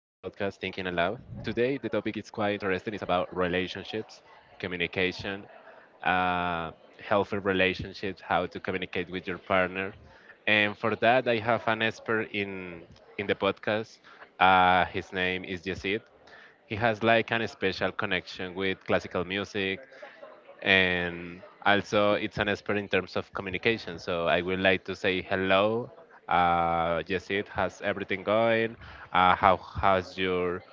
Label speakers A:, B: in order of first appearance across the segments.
A: Today, the topic is quite interesting. It's about relationships, communication, uh, healthy relationships, how to communicate with your partner. And for that, I have an expert in the podcast. His name is Yesid. He has like an special connection with classical music, and also it's an expert in terms of communication. So I would like to say hello. Yesid, how's everything going? How has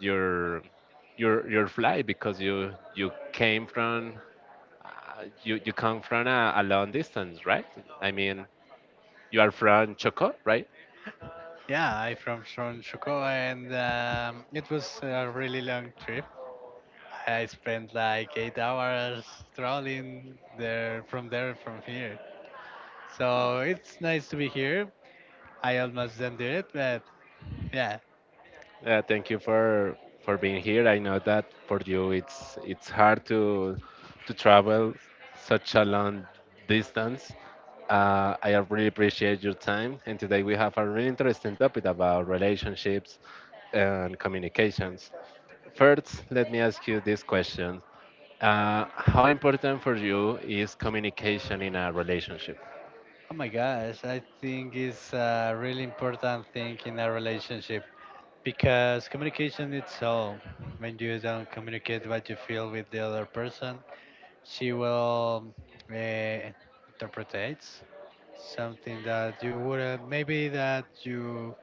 A: your your flight? Because you come from a long distance, right? I mean, you are from Choco, right?
B: Yeah, I'm from Shokoa, and it was a really long trip. I spent like 8 hours traveling there from here. So it's nice to be here. I almost didn't do it, but yeah.
A: Thank you for being here. I know that for you it's hard to travel such a long distance. I really appreciate your time, and today we have a really interesting topic about relationships and communications. First, let me ask you this question: how important for you is communication in a relationship?
B: Oh my gosh, I think it's a really important thing in a relationship because communication is all. When you don't communicate what you feel with the other person, she will uh, interpretates something that you wouldn't, maybe that you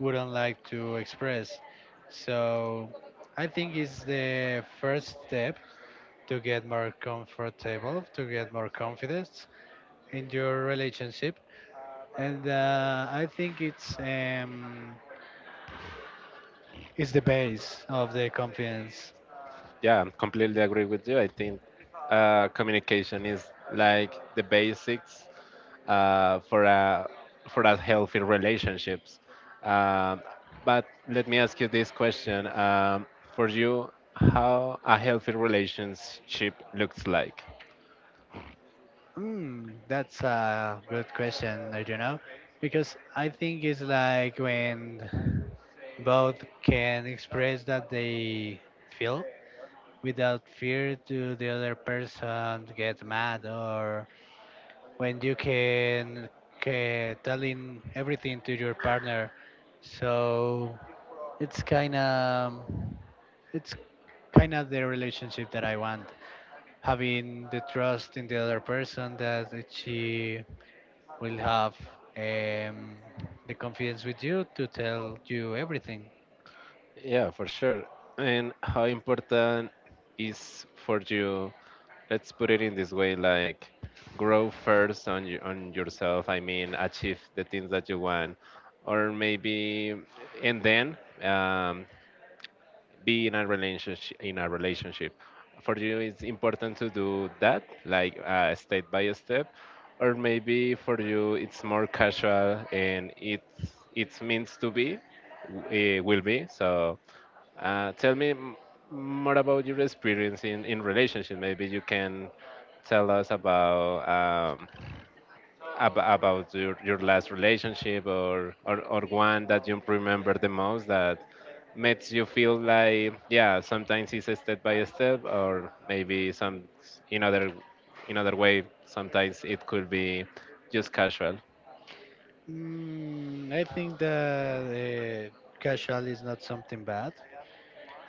B: wouldn't like to express. So I think it's the first step to get more comfortable, to get more confidence in your relationship. And I think it's the base of the confidence.
A: Yeah, I completely agree with you. I think communication is like the basics uh, for a for a healthy relationships. Um, but let me ask you this question: for you, how a healthy relationship looks like?
B: Mm, that's a good question, I don't know, because I think it's like when both can express that they feel without fear to the other person to get mad, or when can telling everything to your partner. So it's kind of it's kind of the relationship that I want, having the trust in the other person that she will have, um, the confidence with you to tell you everything.
A: Yeah, for sure. And how important is for you, let's put it in this way, like grow first on yourself, I mean, achieve the things that you want, or maybe, and then um, be in a relationship. For you, it's important to do that like step by step, or maybe for you it's more casual, and it's means to be, it will be so. Tell me more about your experience in relationship. Maybe you can tell us about your last relationship, or one that you remember the most, that makes you feel like, yeah, sometimes it's a step by step, or maybe some in other in other way, sometimes it could be just casual.
B: Mm, I think that casual is not something bad.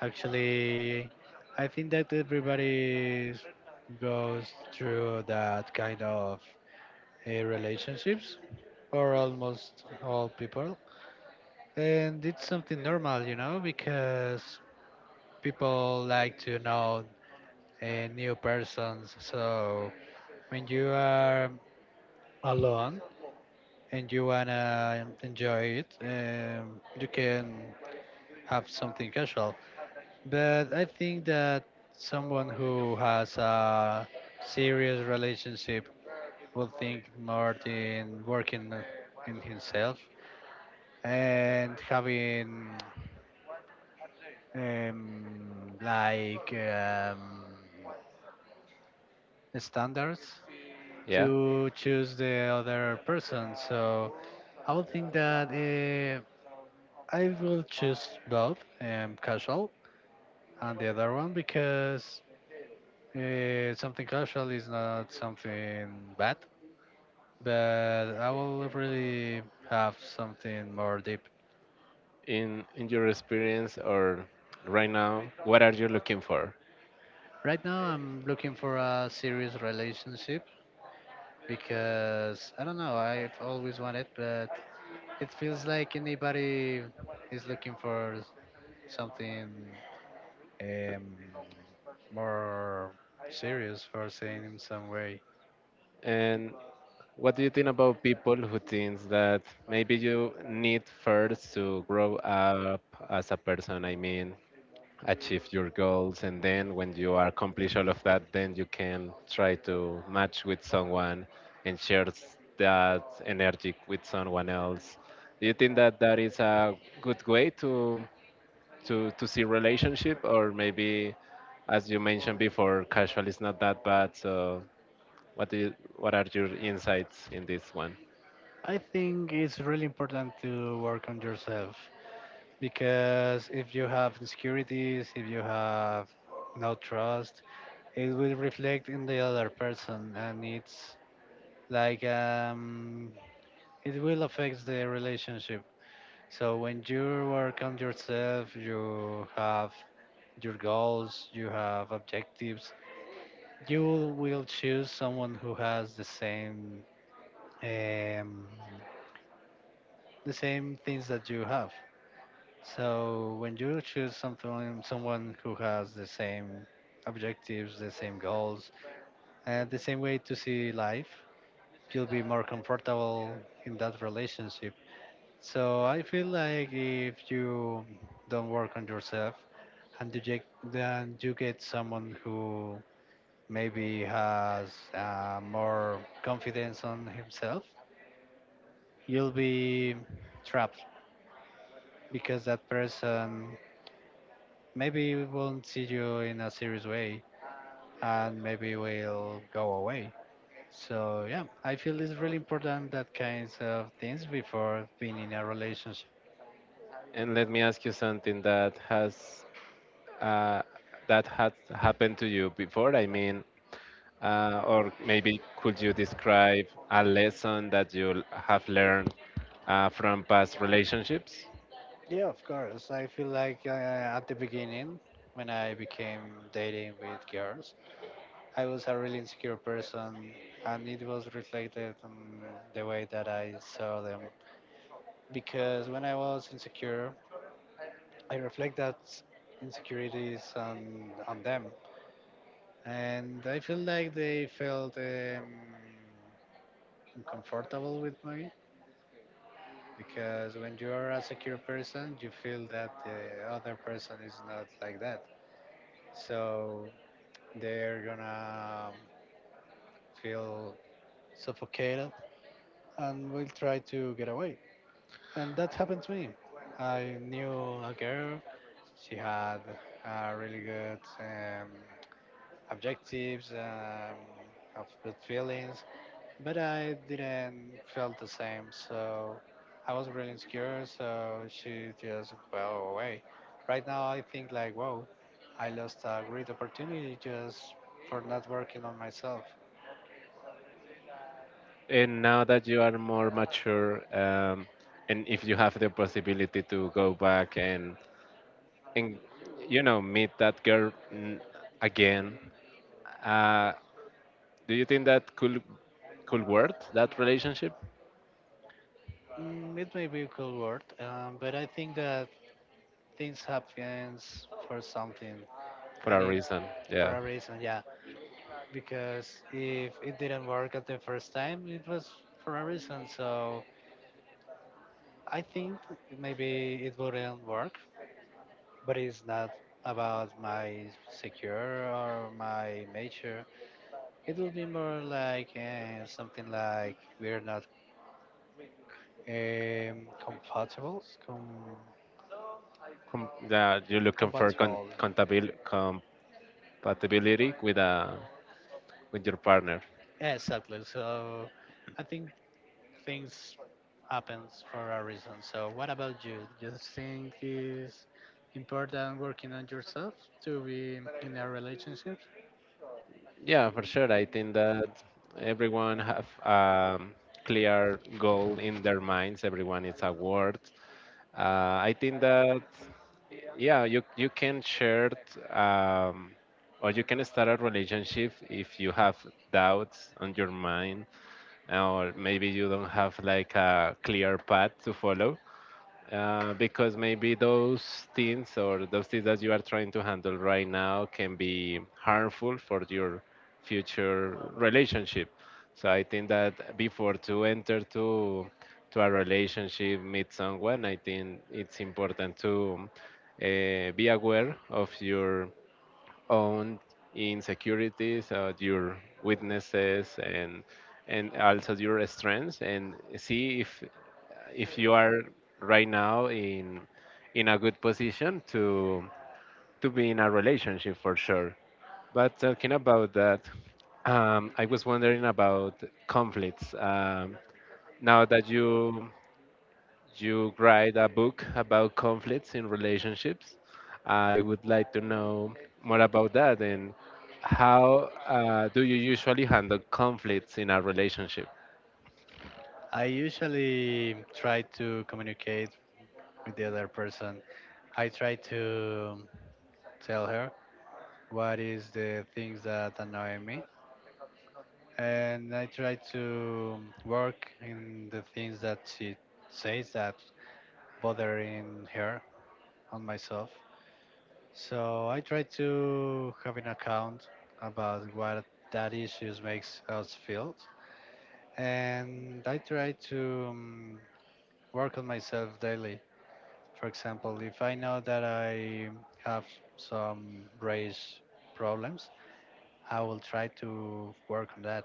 B: Actually, I think that everybody goes through that kind of relationships, or almost all people. And it's something normal, you know, because people like to know new persons. So when you are alone and you wanna enjoy it, you can have something casual. But I think that someone who has a serious relationship will think more in working in himself and having um, like um, standards
A: Yeah,
B: to choose the other person. So I would think that I will choose both, casual and the other one, because something casual is not something bad, but I will really have something more deep.
A: in your experience, or right now, what are you looking for?
B: Right now, I'm looking for a serious relationship because I don't know, I've always wanted, but it feels like anybody is looking for something, um, more serious, for saying in some way.
A: And what do you think about people who thinks that maybe you need first to grow up as a person? I mean, achieve your goals, and then when you are accomplish all of that, then you can try to match with someone and share that energy with someone else. Do you think that that is a good way to see relationship, or maybe, as you mentioned before, casual is not that bad, so what are your insights in this one?
B: I think it's really important to work on yourself, because if you have insecurities, if you have no trust, it will reflect in the other person and it's like, it will affect the relationship. So when you work on yourself, you have your goals, you have objectives, you will choose someone who has the same, um, the same things that you have. So when you choose something, someone who has the same objectives, the same goals, and the same way to see life, you'll be more comfortable in that relationship. So I feel like if you don't work on yourself and then you get someone who maybe has more confidence on himself, you'll be trapped because that person maybe won't see you in a serious way and maybe will go away. So yeah, I feel it's really important that kinds of things before being in a relationship.
A: And let me ask you something uh, that had happened to you before. I mean, or maybe could you describe a lesson that you have learned from past relationships?
B: Yeah, of course. I feel like at the beginning when I became dating with girls, I was a really insecure person, and it was reflected in the way that I saw them. Because when I was insecure, I reflect that insecurities on them, and I feel like they felt uncomfortable with me. Because when you are a secure person, you feel that the other person is not like that. So they're gonna feel suffocated and will try to get away. And that happened to me. I knew a girl. She had really good objectives, have good feelings, but I didn't feel the same. So I was really insecure. So she just fell away. Right now, I think like, whoa, I lost a great opportunity just for not working on myself.
A: And now that you are more mature, and if you have the possibility to go back and meet that girl again, uh, do you think that could work that relationship
B: Mm, it may be a cool word, but I think that things happens for something,
A: for
B: and
A: a
B: it
A: reason?
B: for
A: Yeah,
B: a reason, yeah. Because if it didn't work at the first time, it was for a reason. So I think maybe it wouldn't work, but it's not about my secure or my nature. It would be more like something like we're not compatible. Com-
A: Yeah. You're looking for
B: compatible.
A: compatibility with your partner.
B: Yeah, exactly. So I think things happens for a reason. So what about you? Do you think it's important working on yourself to be in a relationship?
A: Yeah, for sure. I think that everyone have a clear goal in their minds. Everyone is award. I think that, yeah, you can share, um, or you can start a relationship if you have doubts on your mind, or maybe you don't have like a clear path to follow, because maybe those things that you are trying to handle right now can be harmful for your future relationship. So I think that before to enter to a relationship, meet someone, I think it's important to be aware of your own insecurities, your weaknesses, and also your strengths, and see if you are right now in a good position to be in a relationship, for sure. But talking about that, I was wondering about conflicts. Now that you write a book about conflicts in relationships, I would like to know more about that, and how do you usually handle conflicts in a relationship?
B: I usually try to communicate with the other person. I try to tell her what is the things that annoy me, and I try to work in the things that she says that bothering her on myself. So I try to have an account about what that issues makes us feel, and I try to work on myself daily. For example, if I know that I have some race problems, I will try to work on that.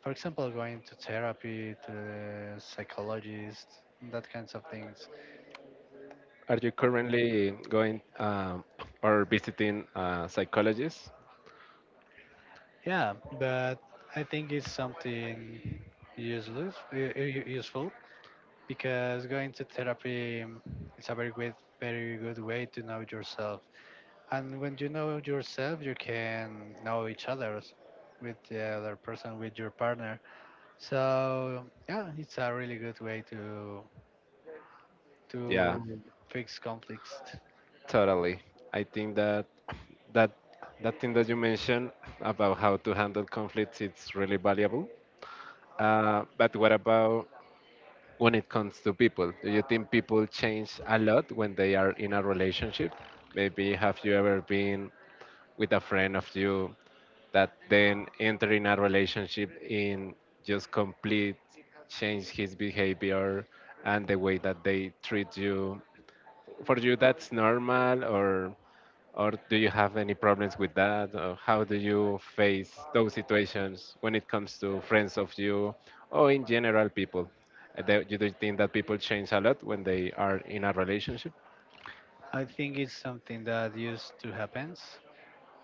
B: For example, going to therapy, to the psychologist, that kinds of things.
A: Are you currently going or visiting a psychologist?
B: Yeah, but I think it's something useful, because going to therapy is a very good way to know yourself, and when you know yourself you can know each other with the other person, with your partner. So yeah, it's a really good way
A: Yeah,
B: to fix conflicts.
A: totally. I think that that thing that you mentioned about how to handle conflicts it's really valuable. But what about when it comes to people? Do you think people change a lot when they are in a relationship? Maybe have you ever been with a friend of you that then entering a relationship in just complete change his behavior and the way that they treat you? For you, that's normal, or do you have any problems with that? Or how do you face those situations when it comes to friends of you, or in general, people? Do you do think that people change a lot when they are in a relationship?
B: I think it's something that used to happens,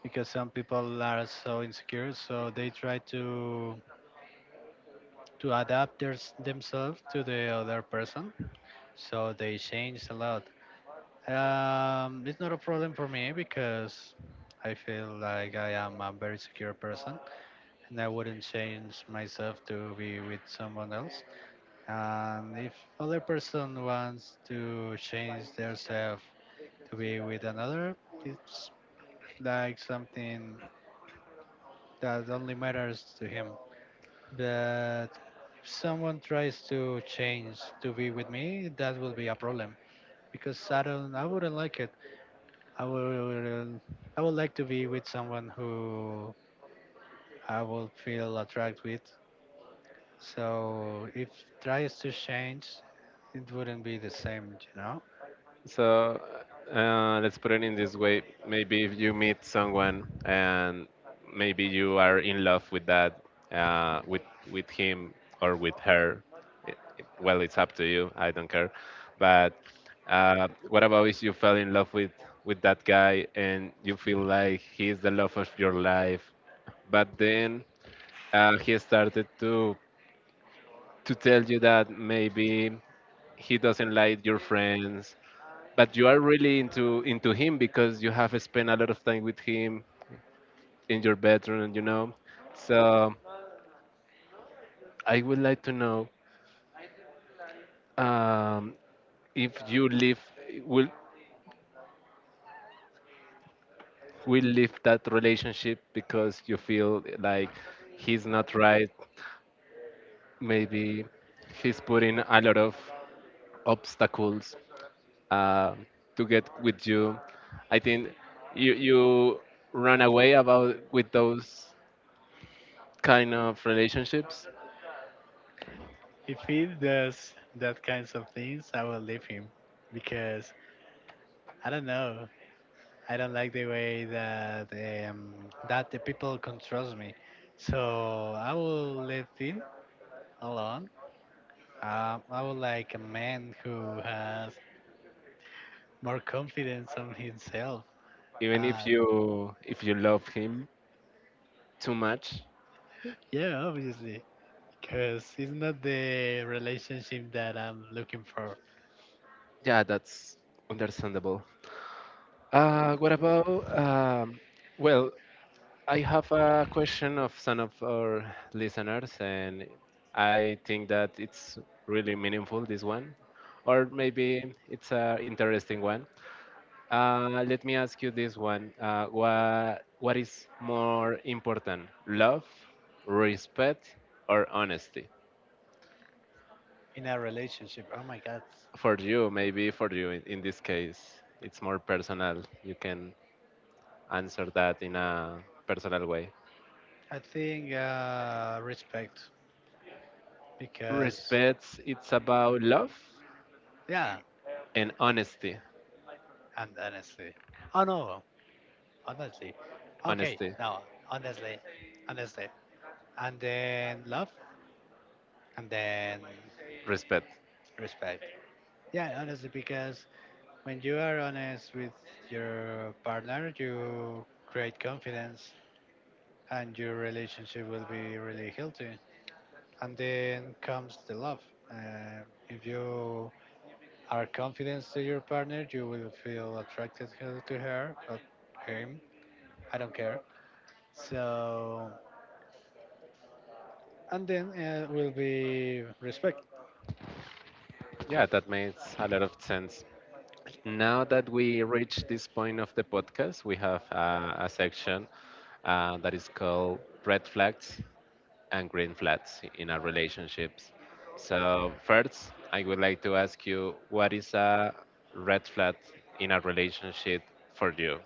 B: because some people are so insecure, so they try to to adapt their, themselves to the other person, so they change a lot. It's not a problem for me because I feel like I am a very secure person and I wouldn't change myself to be with someone else. And if other person wants to change themselves to be with another, it's like something that only matters to him. But if someone tries to change to be with me, that will be a problem because I wouldn't like it. I will I would like to be with someone who I will feel attracted with. So if tries to change, it wouldn't be the same, you know.
A: So let's put it in this way. Maybe if you meet someone, and maybe you are in love with that, uh, with with him or with her. Well, it's up to you. I don't care. But what about if you fell in love with that guy and you feel like he's the love of your life? But then he started to tell you that maybe he doesn't like your friends, but you are really into him because you have spent a lot of time with him in your bedroom. So I would like to know, um, if you live will will leave that relationship because you feel like he's not right. Maybe he's putting a lot of obstacles uh, to get with you. I think you run away about with those kind of relationships,
B: If he does that kinds of things, I will leave him because I don't know. I don't like the way that that the people controls me. So I will leave him alone. I would like a man who has more confidence on himself.
A: even if
B: Uh,
A: you if you love him too much.
B: yeah, obviously, because it's not the relationship that I'm looking for
A: Yeah, that's understandable. What about, well, I have a question of some of our listeners, and I think that it's really meaningful this one, or maybe it's a interesting one. Let me ask you this one. What is more important, love, respect, or honesty?
B: in a relationship. Oh my God.
A: For you, maybe for you in this case, it's more personal. You can answer that in a personal way.
B: I think respect, because,
A: Respects, it's about love
B: yeah,
A: and honesty.
B: and honestly. Oh no, honestly. Okay,
A: Honesty,
B: no, honestly, honestly. And then love, and then
A: respect.
B: respect. Yeah, honestly, because when you are honest with your partner, you create confidence and your relationship will be really healthy. And then comes the love. If you are confident to your partner, you will feel attracted her- to her or him. I don't care. So, and then will be respect.
A: Yeah, that makes a lot of sense. Now that we reach this point of the podcast, we have a section that is called Red Flags and green flags in our relationships. So, first, I would like to ask you: what is a red flag in a relationship for you?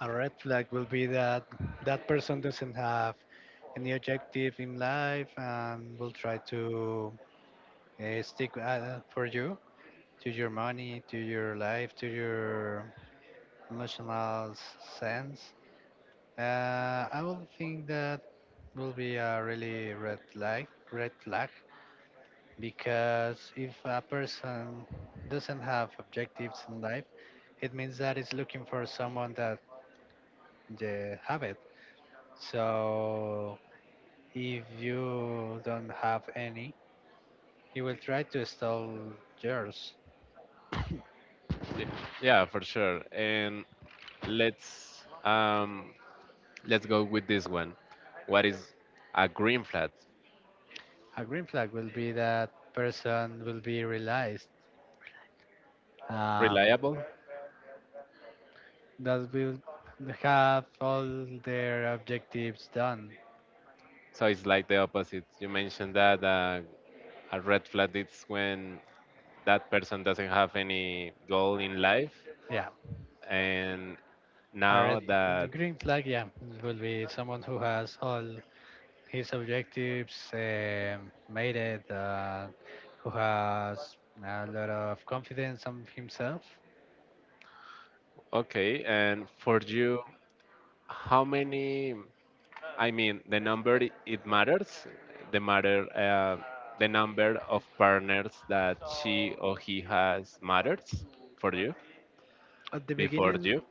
B: A red flag will be that that person doesn't have any objective in life and will try to stick for you, to your money, to your life, to your emotional s- sense. Uh, I would think that will be a really red flag, because if a person doesn't have objectives in life, it means that it's looking for someone that they have it. So if you don't have any, he will try to steal yours.
A: Y- Yeah, for sure. And let's um, let's go with this one. What is a green flag?
B: A green flag will be that person will be realized. Um,
A: Reliable.
B: that will have all their objectives done.
A: So it's like the opposite. You mentioned that a red flag is when that person doesn't have any goal in life,
B: Yeah,
A: and
B: a
A: now
B: red, the
A: that —
B: green flag. Yeah, will be someone who has all his objectives made it, who has a lot of confidence on himself.
A: okay, and for you, how many? I mean, the number, it matters. The matter, uh, the number of partners that she or he has matters for you
B: At the
A: before
B: beginning,
A: you.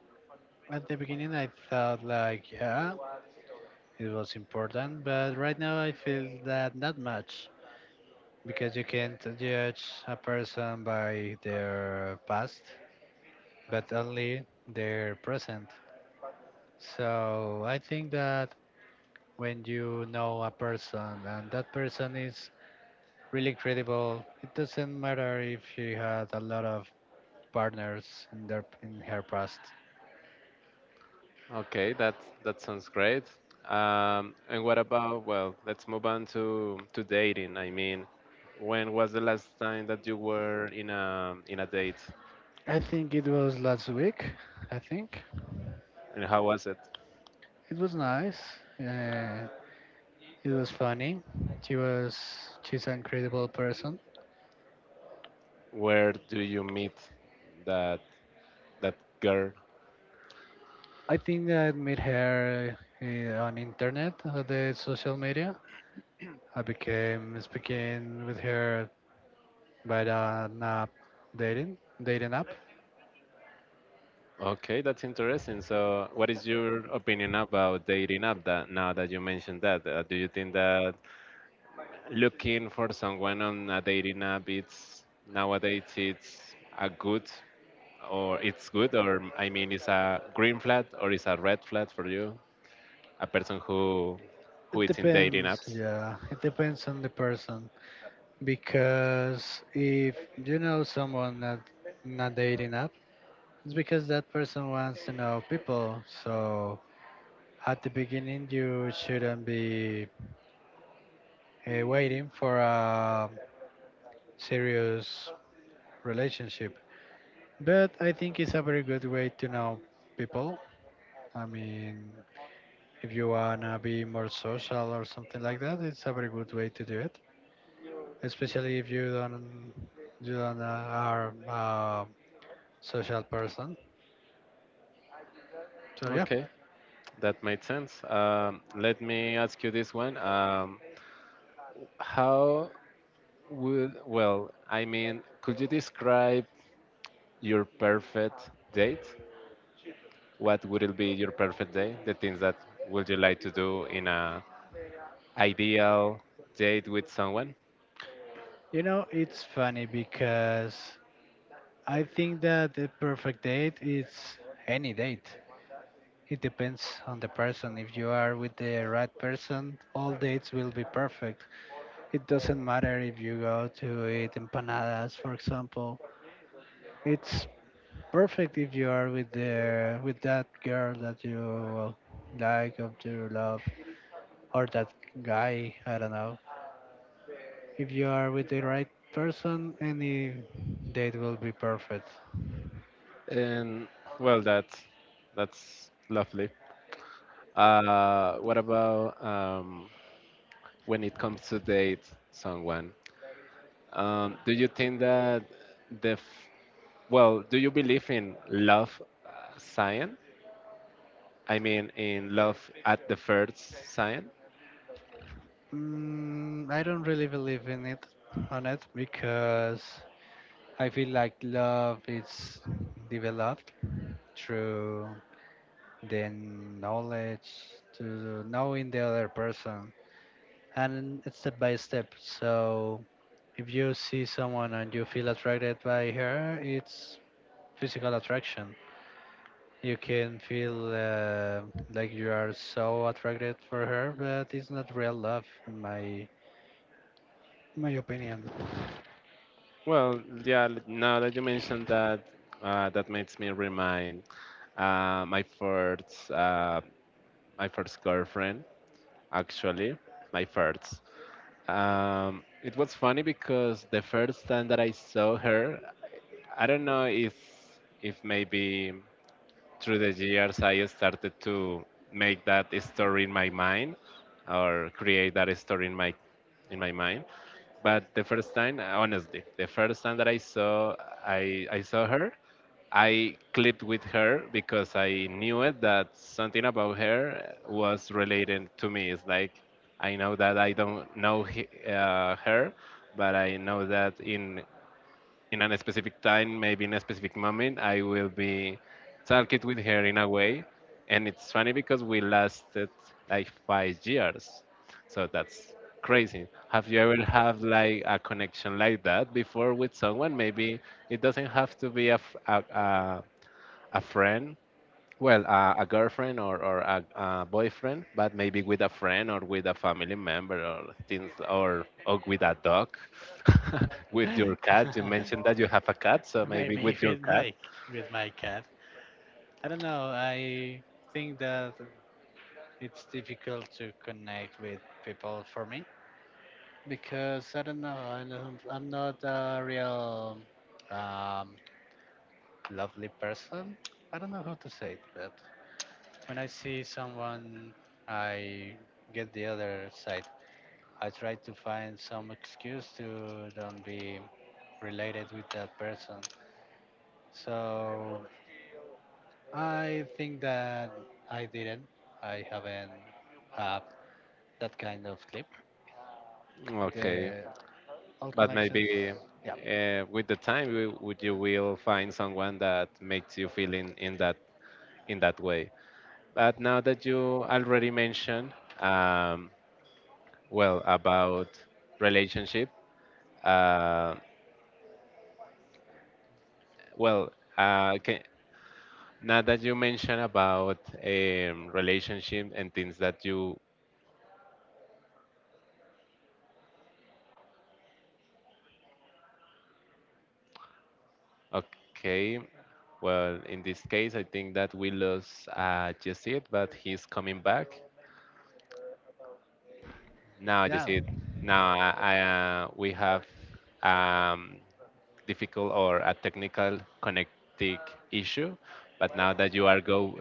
B: at the beginning, I thought like, yeah, it was important, but right now I feel that not much, because you can't judge a person by their past but only their present. So I think that when you know a person and that person is really credible, it doesn't matter if she had a lot of partners in their in her past.
A: Okay, that that sounds great. And what about? Well, let's move on to dating. I mean, when was the last time that you were in a date,
B: I think it was last week. I think
A: and how was it?
B: it was nice. Uh, it was funny. She was she's an incredible person.
A: Where do you meet that that girl?
B: I think I met her on internet, on the social media. I became speaking with her by the app, dating app.
A: Okay, that's interesting. So, what is your opinion about dating app, that now that you mentioned that? Do you think that looking for someone on a dating app, it's nowadays, it's a good, or it's good, or I mean it's a green flag, or it's a red flag for you, a person who
B: It
A: is in dating
B: depends,
A: apps?
B: yeah. It depends on the person, because if you know someone that not dating app, it's because that person wants to know people. So at the beginning, you shouldn't be waiting for a serious relationship. But I think it's a very good way to know people. I mean, if you wanna be more social or something like that, it's a very good way to do it. Especially if you don't, you don't uh, are a social person. So yeah,
A: Okay, that made sense. Let me ask you this one. How well, I mean, could you describe your perfect date, what would it be your perfect day? The things that would you like to do in a ideal date with someone? And well, that's lovely. What about when it comes to date someone? Do you think that the f- Well, do you believe in love science? I mean, in love at the first sight? Well, yeah, now that you mentioned that, that makes me remind uh, my first uh, my first girlfriend, actually, my first. It was funny because the first time that I saw her, I don't know if maybe through the years I started to make that story in my mind, or create that story in my mind. But the first time, honestly, the first time that I saw her, I clicked with her because I knew it that something about her was related to me. It's like, I know that I don't know her, but I know that in a specific time, maybe in a specific moment, I will be talking with her in a way. And it's funny because we lasted like 5 years. So that's crazy. Have you ever have like a connection like that before with someone? Maybe it doesn't have to be a, a friend. Well, a girlfriend or a boyfriend, but maybe with a friend or with a family member or things, or with a dog, with your cat. You mentioned that you have a cat, so maybe with your cat. Okay, but maybe with the time would you will find someone that makes you feel in that in that way. But now that you already mentioned, um, well, about relationship, uh, well, uh, can, now that you mentioned about relationship and things that you okay, well, in this case, I think that we lost Jesse, but he's coming back. Now,
B: yeah,
A: Jesse, now I we have um, difficult or a technical connecting issue, but now that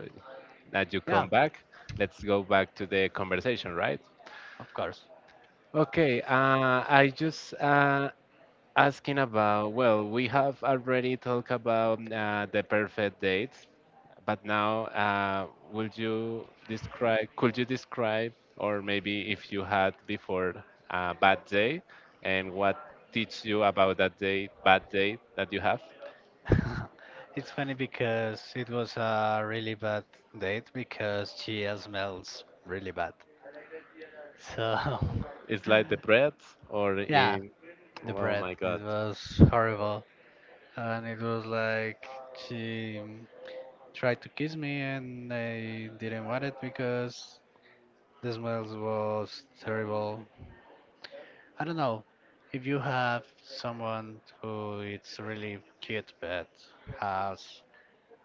A: that you
B: yeah,
A: come back, let's go back to the conversation, right?
B: of course.
A: Okay, I just asking about, well, we have already talked about the perfect date, but now could you describe, or maybe if you had before a bad day, and what teach you about that day, bad day that you have?
B: It's funny because it was a really bad date because she smells really bad. So,
A: It's like the bread, or
B: yeah,
A: in,
B: the
A: oh
B: breath,
A: my God.
B: it was horrible. And it was like she tried to kiss me and I didn't want it because the smells was terrible. I don't know. If you have someone who it's really cute but has,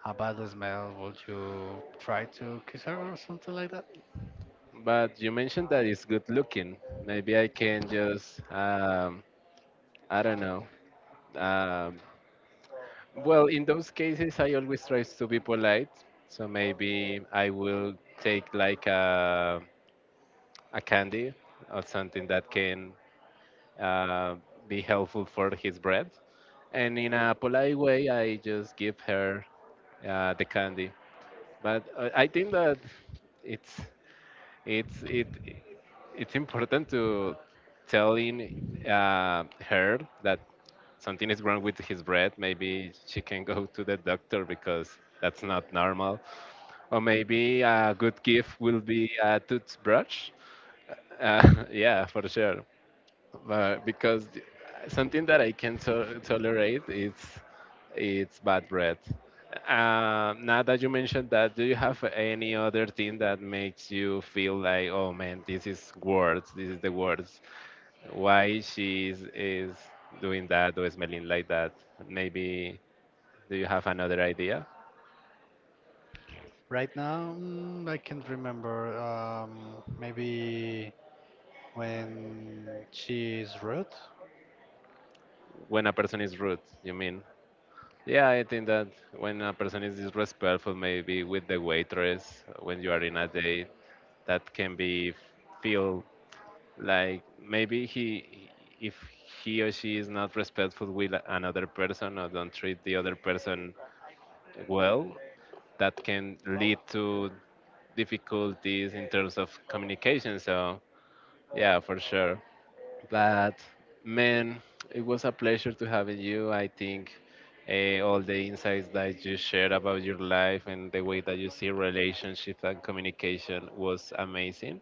B: how about the smell? Would you try to kiss her or something like that?
A: But you mentioned that it's good looking. Maybe I can just, I don't know, um, well, in those cases, I always try to be polite. So maybe I will take like a candy or something that can uh, be helpful for his breath. And in a polite way, I just give her the candy. But I think that it's it's it it's important to telling uh, her that something is wrong with his breath. Maybe she can go to the doctor because that's not normal. Or maybe a good gift will be a toothbrush. Yeah, for sure. But because something that I can tolerate is it's bad breath. Now that you mentioned that, do you have any other thing that makes you feel like, oh man, this is words, this is the words? Why she is doing that or smelling like that. Maybe do you have another idea?
B: Right now, mm, I can't remember. Maybe when she is rude.
A: When a person is rude, you mean? Yeah, I think that when a person is disrespectful, maybe with the waitress, when you are in a date, that can be feel like maybe he, if he or she is not respectful with another person or don't treat the other person well, that can lead to difficulties in terms of communication. So yeah, for sure. But man, it was a pleasure to having you. I think all the insights that you shared about your life and the way that you see relationships and communication was amazing.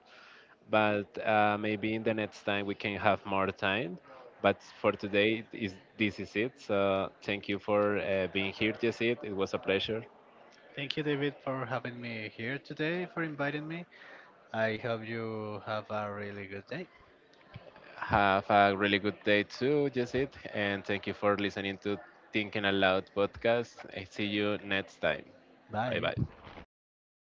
A: But maybe in the next time we can have more time. But for today, is this is it. So thank you for being here, Tiesit. It was a pleasure.
B: Thank you, David, for having me here today, for inviting me. I hope you have a really good day.
A: Have a really good day too, Jessit, and thank you for listening to Thinking Aloud podcast. I see you next time. Bye
B: Bye.
A: bye.